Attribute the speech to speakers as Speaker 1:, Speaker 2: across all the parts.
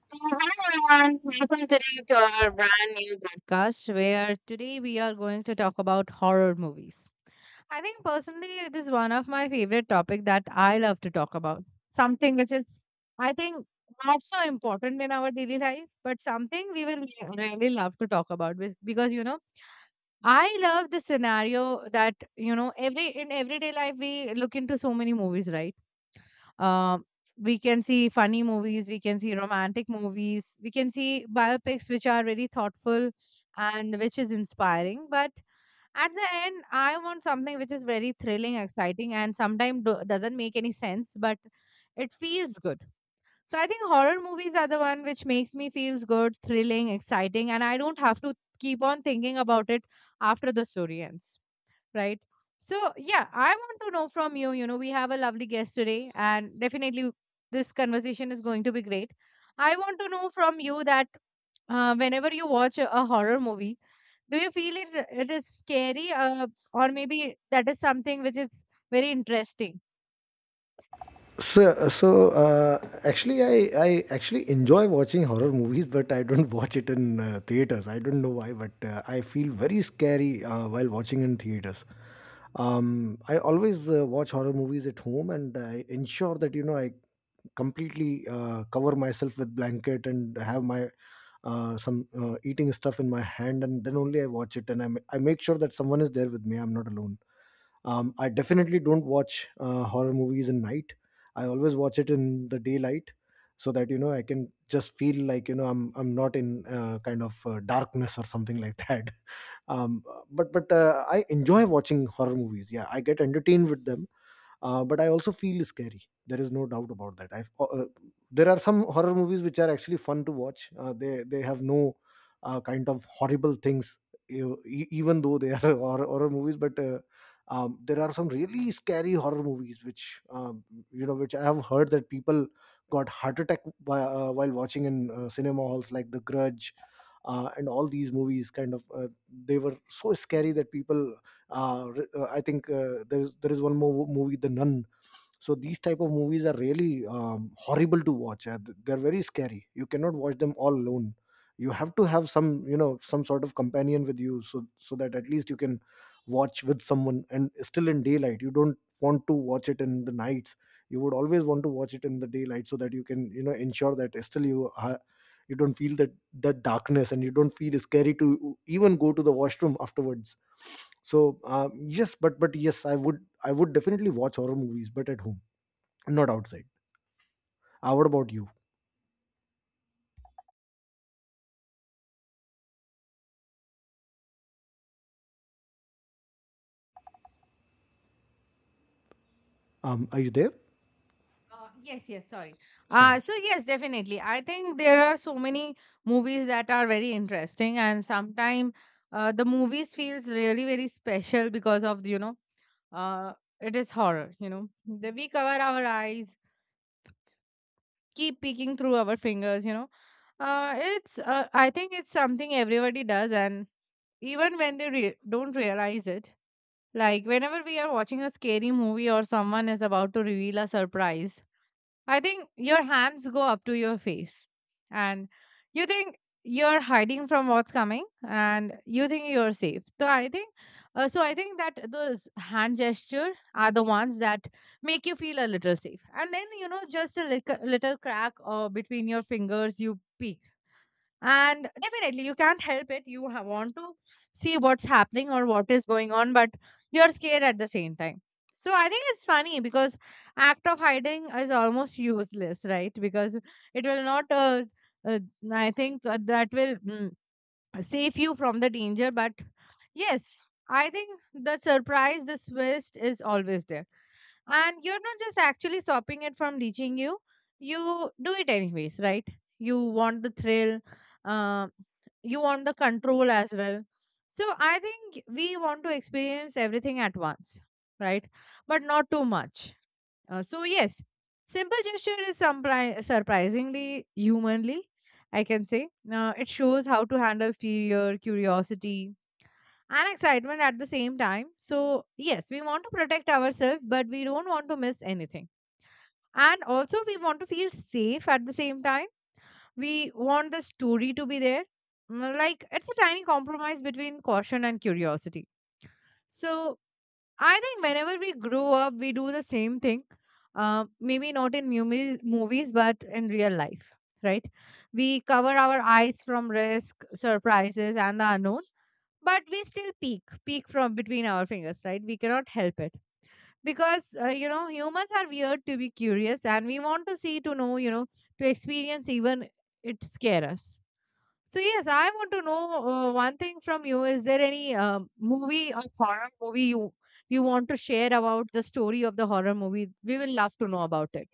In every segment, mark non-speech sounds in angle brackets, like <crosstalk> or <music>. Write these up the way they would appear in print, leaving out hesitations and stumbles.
Speaker 1: Hello everyone, welcome today to our brand new podcast where today we are going to talk about horror movies. I think personally it is one of my favorite topic that I love to talk about. Something which is I think not so important in our daily life, but something we will really love to talk about With because I love the scenario that every in everyday life we look into so many movies, right? Uh, we can see funny movies, we can see romantic movies, we can see biopics which are very thoughtful and which is inspiring. But at the end, I want something which is very thrilling, exciting, and sometimes doesn't make any sense, but it feels good. So I think horror movies are the one which makes me feels good, thrilling, exciting, and I don't have to keep on thinking about it after the story ends, right? So, yeah, I want to know from you. You know, we have a lovely guest today, and definitely this conversation is going to be great. I want to know from you that whenever you watch a horror movie, do you feel it is scary, or maybe that is something which is very interesting?
Speaker 2: Actually, I actually enjoy watching horror movies, but I don't watch it in theaters. I don't know why, but I feel very scary while watching in theaters. I always watch horror movies at home, and I ensure that I completely cover myself with blanket and have my some eating stuff in my hand, and then only I watch it. And I make sure that someone is there with me. I'm not alone. I definitely don't watch horror movies in night. I always watch it in the daylight so that I can just feel like I'm not in darkness or something like that. <laughs> Um, but I enjoy watching horror movies. Yeah, I get entertained with them, but I also feel scary. There is no doubt about that. I've There are some horror movies which are actually fun to watch. They have no kind of horrible things, even though they are <laughs> horror movies. But There are some really scary horror movies which, which I have heard that people got heart attack by, while watching in cinema halls, like The Grudge, and all these movies kind of, they were so scary that people, I think, there is one more movie, The Nun. So these type of movies are really horrible to watch. They're very scary. You cannot watch them all alone. You have to have some, some sort of companion with you, so that at least you can watch with someone, and still in daylight. You don't want to watch it in the nights. You would always want to watch it in the daylight so that you can, ensure that still you are, you don't feel that, that darkness, and you don't feel scary to even go to the washroom afterwards. So uh, yes but but yes, I would, I would definitely watch horror movies, but at home, not outside. What about you? Are you there?
Speaker 1: Yes, yes, sorry. Uh,
Speaker 2: Sorry.
Speaker 1: so, yes, definitely. I think there are so many movies that are very interesting, and sometimes the movies feels really very special because of uh, it is horror, the, we cover our eyes, keep peeking through our fingers. You know uh, it's uh, i think it's something everybody does, and even when they don't realize it, like whenever we are watching a scary movie or someone is about to reveal a surprise, I think your hands go up to your face and you think you're hiding from what's coming and you think you're safe. So I think that those hand gesture are the ones that make you feel a little safe. And then just a little, little crack between your fingers you peek, and definitely you can't help it. You want to see what's happening or what is going on, but you're scared at the same time. So I think it's funny because act of hiding is almost <laughs> useless, right? Because it will not, uh, I think that will, save you from the danger. But yes, I think the surprise, the twist is always there, and you're not just actually stopping it from reaching you. You do it anyways, right? You want the thrill, uh, you want the control as well. So I think we want to experience everything at once, right? But not too much. So yes, simple gesture is surprisingly humanly, I can say, it shows how to handle fear, curiosity, and excitement at the same time. So, yes, we want to protect ourselves, but we don't want to miss anything. And also, we want to feel safe at the same time. We want the story to be there. Like, it's a tiny compromise between caution and curiosity. So, I think whenever we grow up, we do the same thing. Maybe not in movies, but in real life, right? We cover our eyes from risk, surprises, and the unknown, but we still peek from between our fingers, right? We cannot help it, because humans are weird to be curious, and we want to see, to know, to experience, even it scare us. So yes, I want to know one thing from you. Is there any movie or horror movie you want to share? About the story of the horror movie, we will love to know about it.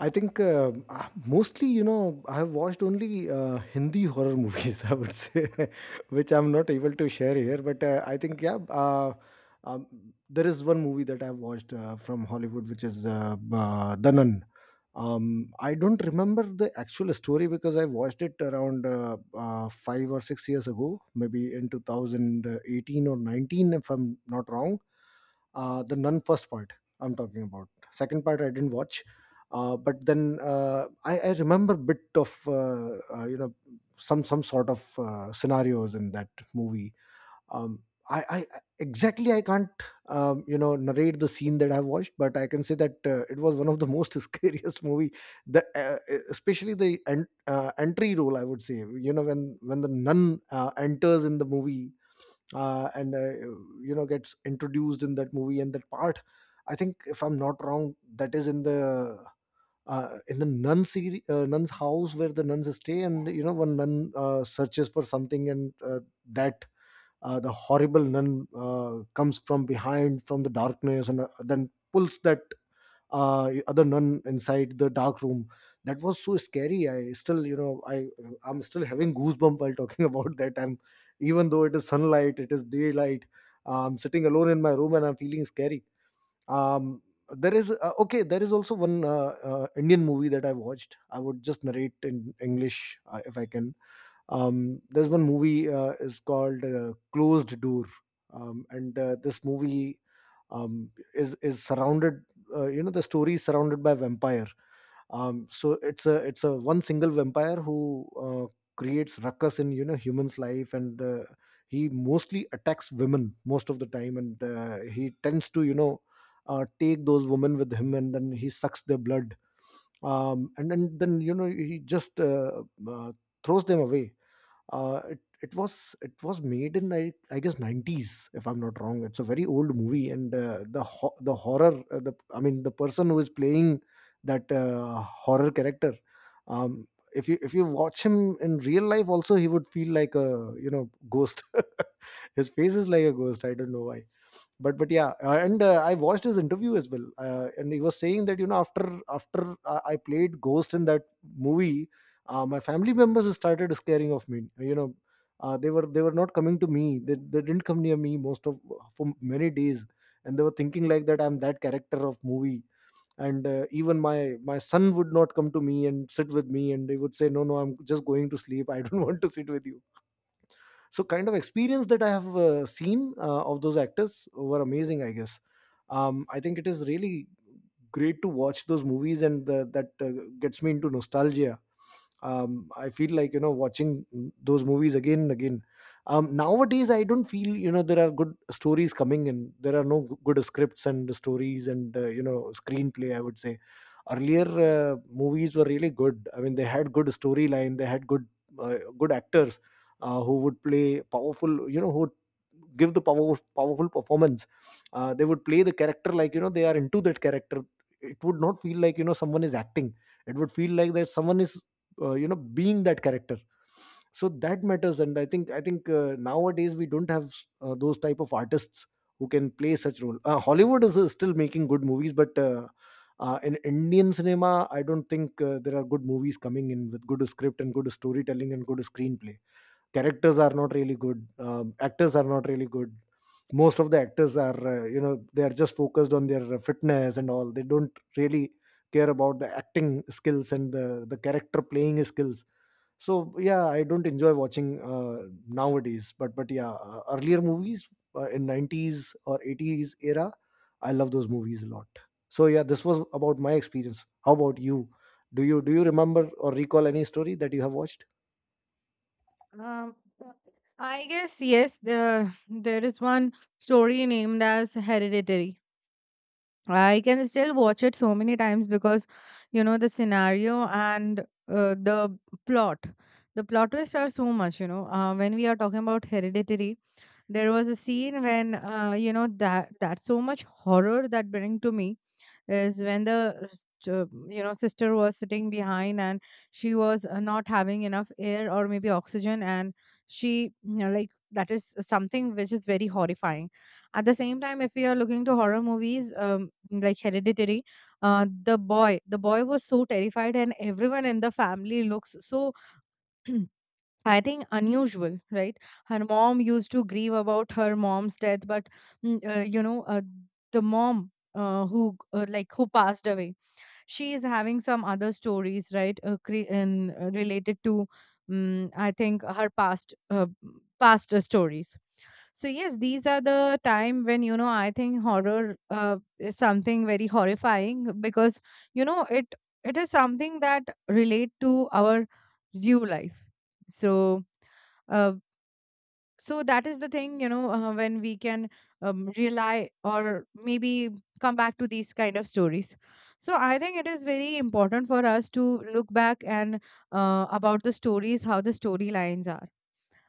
Speaker 2: I think mostly, you know, I have watched only Hindi horror movies, <laughs> I would say, <laughs> which I'm not able to share here. But I think, yeah, um, there is one movie that I've watched from Hollywood, which is The Nun. I don't remember the actual story because I watched it around 5 or 6 years ago, maybe in 2018 or 19, if I'm not wrong. The Nun first part I'm talking about. Second part I didn't watch. I remember bit of, some sort of scenarios in that movie. Um, I, I exactly I can't, narrate the scene that I've watched, but I can say that it was one of the most <laughs> scariest movie. The Especially the entry role, I would say, you know, when the nun enters in the movie, and you know, gets introduced in that movie, and that part, I think, if I'm not wrong, that is in the, in the nun's house, where the nuns stay, and you know, one nun searches for something, and that, the horrible nun comes from behind, from the darkness, and then pulls that, other nun inside the dark room. That was so scary. I still, you know, I, I'm still having goosebump while talking <laughs> about that. I'm, even though it is sunlight, it is daylight. I'm sitting alone in my room and I'm feeling scary. Um, there is Okay. There is also one Indian movie that I watched. I would just narrate in English if I can. There's one movie, is called, Closed Door. And This movie, is surrounded, the story is surrounded by vampire. So it's a one single vampire who, creates ruckus in, you know, humans life, and he mostly attacks women most of the time, and he tends to, you know, take those women with him, and then he sucks their blood, and then, you know, he just throws them away. It was made in, I guess, 90s, if I'm not wrong. It's a very old movie, and the horror, the I mean the person who is playing that, horror character, um if you, if you watch him in real life also, he would feel like a, you know, ghost. <laughs> His face is like a ghost, I don't know why. But yeah, and I watched his interview as well, and he was saying that, you know, after I played ghost in that movie, my family members started scaring of me, you know, they were not coming to me. They didn't come near me most of, for many days, and they were thinking like that I'm that character of movie. And even my, my son would not come to me and sit with me, and they would say, no, no, I'm just going to sleep. I don't <laughs> want to sit with you. So kind of experience that I have seen of those actors were amazing, I guess. I think it is really great to watch those movies, and the, that gets me into nostalgia. I feel like, you know, watching those movies again and again. Nowadays I don't feel, you know, there are good stories coming in. There are no good scripts and stories, and screenplay, I would say. Earlier movies were really good. I mean, they had good storyline, they had good, good actors, who would play powerful, you know, who would give the powerful performance. They would play the character like, you know, they are into that character. It would not feel like, you know, someone is acting. It would feel like that someone is, being that character. So that matters. And I think nowadays we don't have those type of artists who can play such role. Hollywood is still making good movies, but in Indian cinema, I don't think there are good movies coming in with good script and good storytelling and good screenplay. Characters are not really good. Actors are not really good. Most of the actors are, they are just focused on their fitness and all. They don't really care about the acting skills and the character playing skills. So yeah, I don't enjoy watching nowadays. But yeah, earlier movies, in 90s or 80s era, I love those movies a lot. So yeah, this was about my experience. How about you? Do you remember or recall any story that you have watched?
Speaker 1: Um, I guess yes. There is one story named as Hereditary. I can still watch it so many times because you know the scenario and the plot. The plot twists are so much. You know, when we are talking about Hereditary, there was a scene when, that that's so much horror that bring to me, is when the sister was sitting behind and she was, not having enough air or maybe oxygen, and she, you know, like, that is something which is very horrifying at the same time. If we are looking to horror movies like hereditary, the boy was so terrified and everyone in the family looks so <clears throat> I think unusual, right? Her mom used to grieve about her mom's death, but, mm, uh, you know, uh, the mom who like who passed away, she is having some other stories, right? Related to, I think her past, stories. So yes, these are the time when you know I think horror is something very horrifying because you know it, it is something that relate to our real life. So, uh, that is the thing, you know, when we can, rely or maybe come back to these kind of stories. So I think it is very important for us to look back and about the stories, how the storylines are,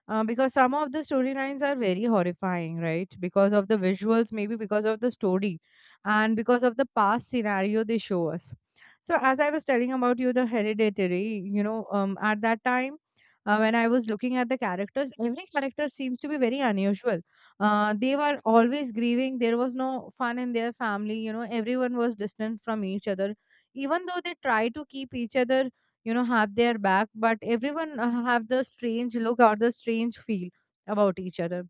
Speaker 1: because some of the storylines are very horrifying, right? Because of the visuals, maybe because of the story, and because of the past scenario they show us. So, as I was telling about you, the hereditary, you know, at that time, when I was looking at the characters, every character seems to be very unusual. They were always grieving. There was no fun in their family. You know, everyone was distant from each other. Even though they try to keep each other, you know, have their back, but everyone have the strange look or the strange feel about each other.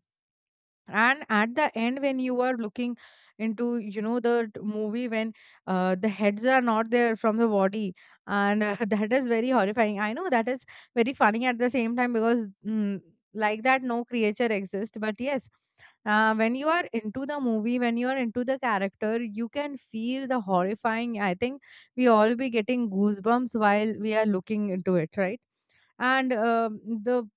Speaker 1: And at the end, when you are looking into, you know, the movie, when the heads are not there from the body, and <laughs> that is very horrifying. I know that is very funny at the same time, because, like that no creature exists. But yes, when you are into the movie, when you are into the character, you can feel the horrifying. I think we all be getting goosebumps while we are looking into it, right? And um, the,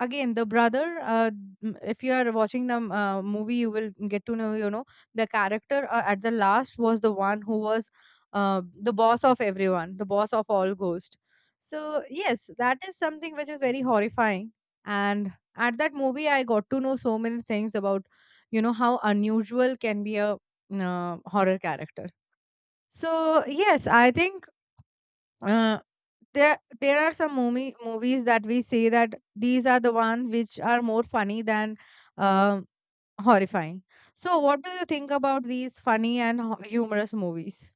Speaker 1: again, the brother, if you are watching the movie, you will get to know, you know, the character at the last was the one who was the boss of everyone, the boss of all ghosts. So yes, that is something which is very horrifying. And at that movie, I got to know so many things about, you know, how unusual can be a horror character. So yes, I think uh, there, there are some movies that we say that these are the ones which are more funny than um horrifying. So, what do you think about these funny and humorous movies?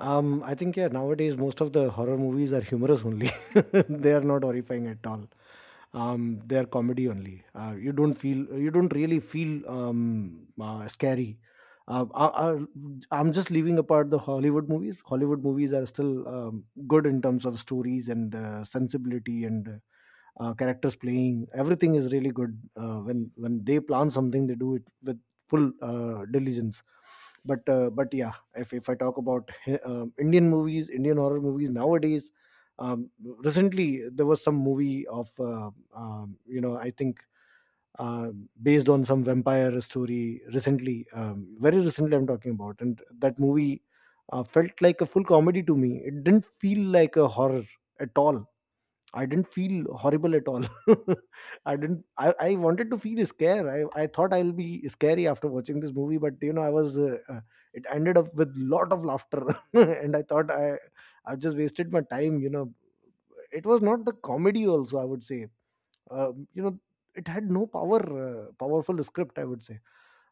Speaker 2: I think, yeah, nowadays most of the horror movies are humorous only. <laughs> They are not horrifying at all. They are comedy only. You don't feel. You don't really feel, scary. Uh, I, I, I'm just leaving apart the Hollywood movies. Hollywood movies are still good in terms of stories and sensibility and characters playing. Everything is really good. When they plan something, they do it with full diligence. But yeah, if I talk about Indian movies, Indian horror movies nowadays, recently there was some movie of, I think, uh, based on some vampire story recently, very recently I'm talking about, and that movie felt like a full comedy to me. It didn't feel like a horror at all. I didn't feel horrible at all. <laughs> I didn't. I wanted to feel scared. I thought I'll be scary after watching this movie, but you know, I was. It ended up with lot of laughter, <laughs> and I thought I just wasted my time. You know, it was not the comedy. Also, I would say, uh, you know, it had no power, powerful script, I would say.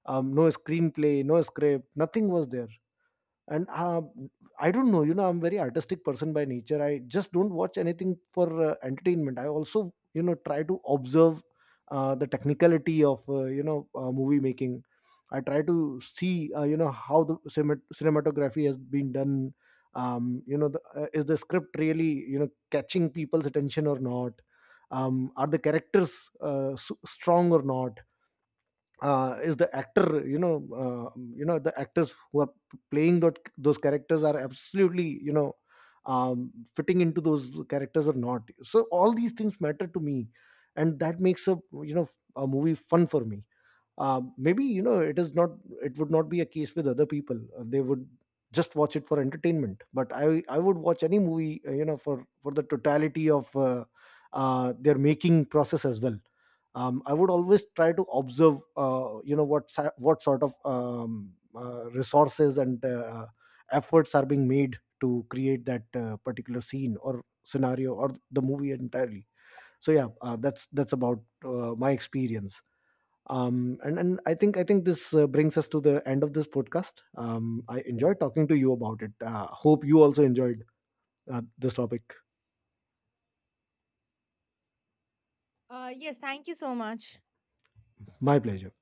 Speaker 2: No screenplay, no script, nothing was there. And I don't know, you know, I'm very artistic person by nature. I just don't watch anything for entertainment. I also, you know, try to observe the technicality of, movie making. I try to see, how the cinematography has been done. Is the script really, you know, catching people's attention or not? Are the characters strong or not? Is the actor, you know, the actors who are playing those characters are absolutely, you know, fitting into those characters or not? So all these things matter to me, and that makes a, you know, a movie fun for me. Maybe, you know, it is not, it would not be a case with other people. They would just watch it for entertainment. But I would watch any movie, for the totality of, their making process as well. I would always try to observe, what what sort of, resources and efforts are being made to create that particular scene or scenario or the movie entirely. So yeah, that's about my experience. And I think, this brings us to the end of this podcast. I enjoyed talking to you about it. Hope you also enjoyed this topic.
Speaker 1: Yes, thank you so much.
Speaker 2: My pleasure.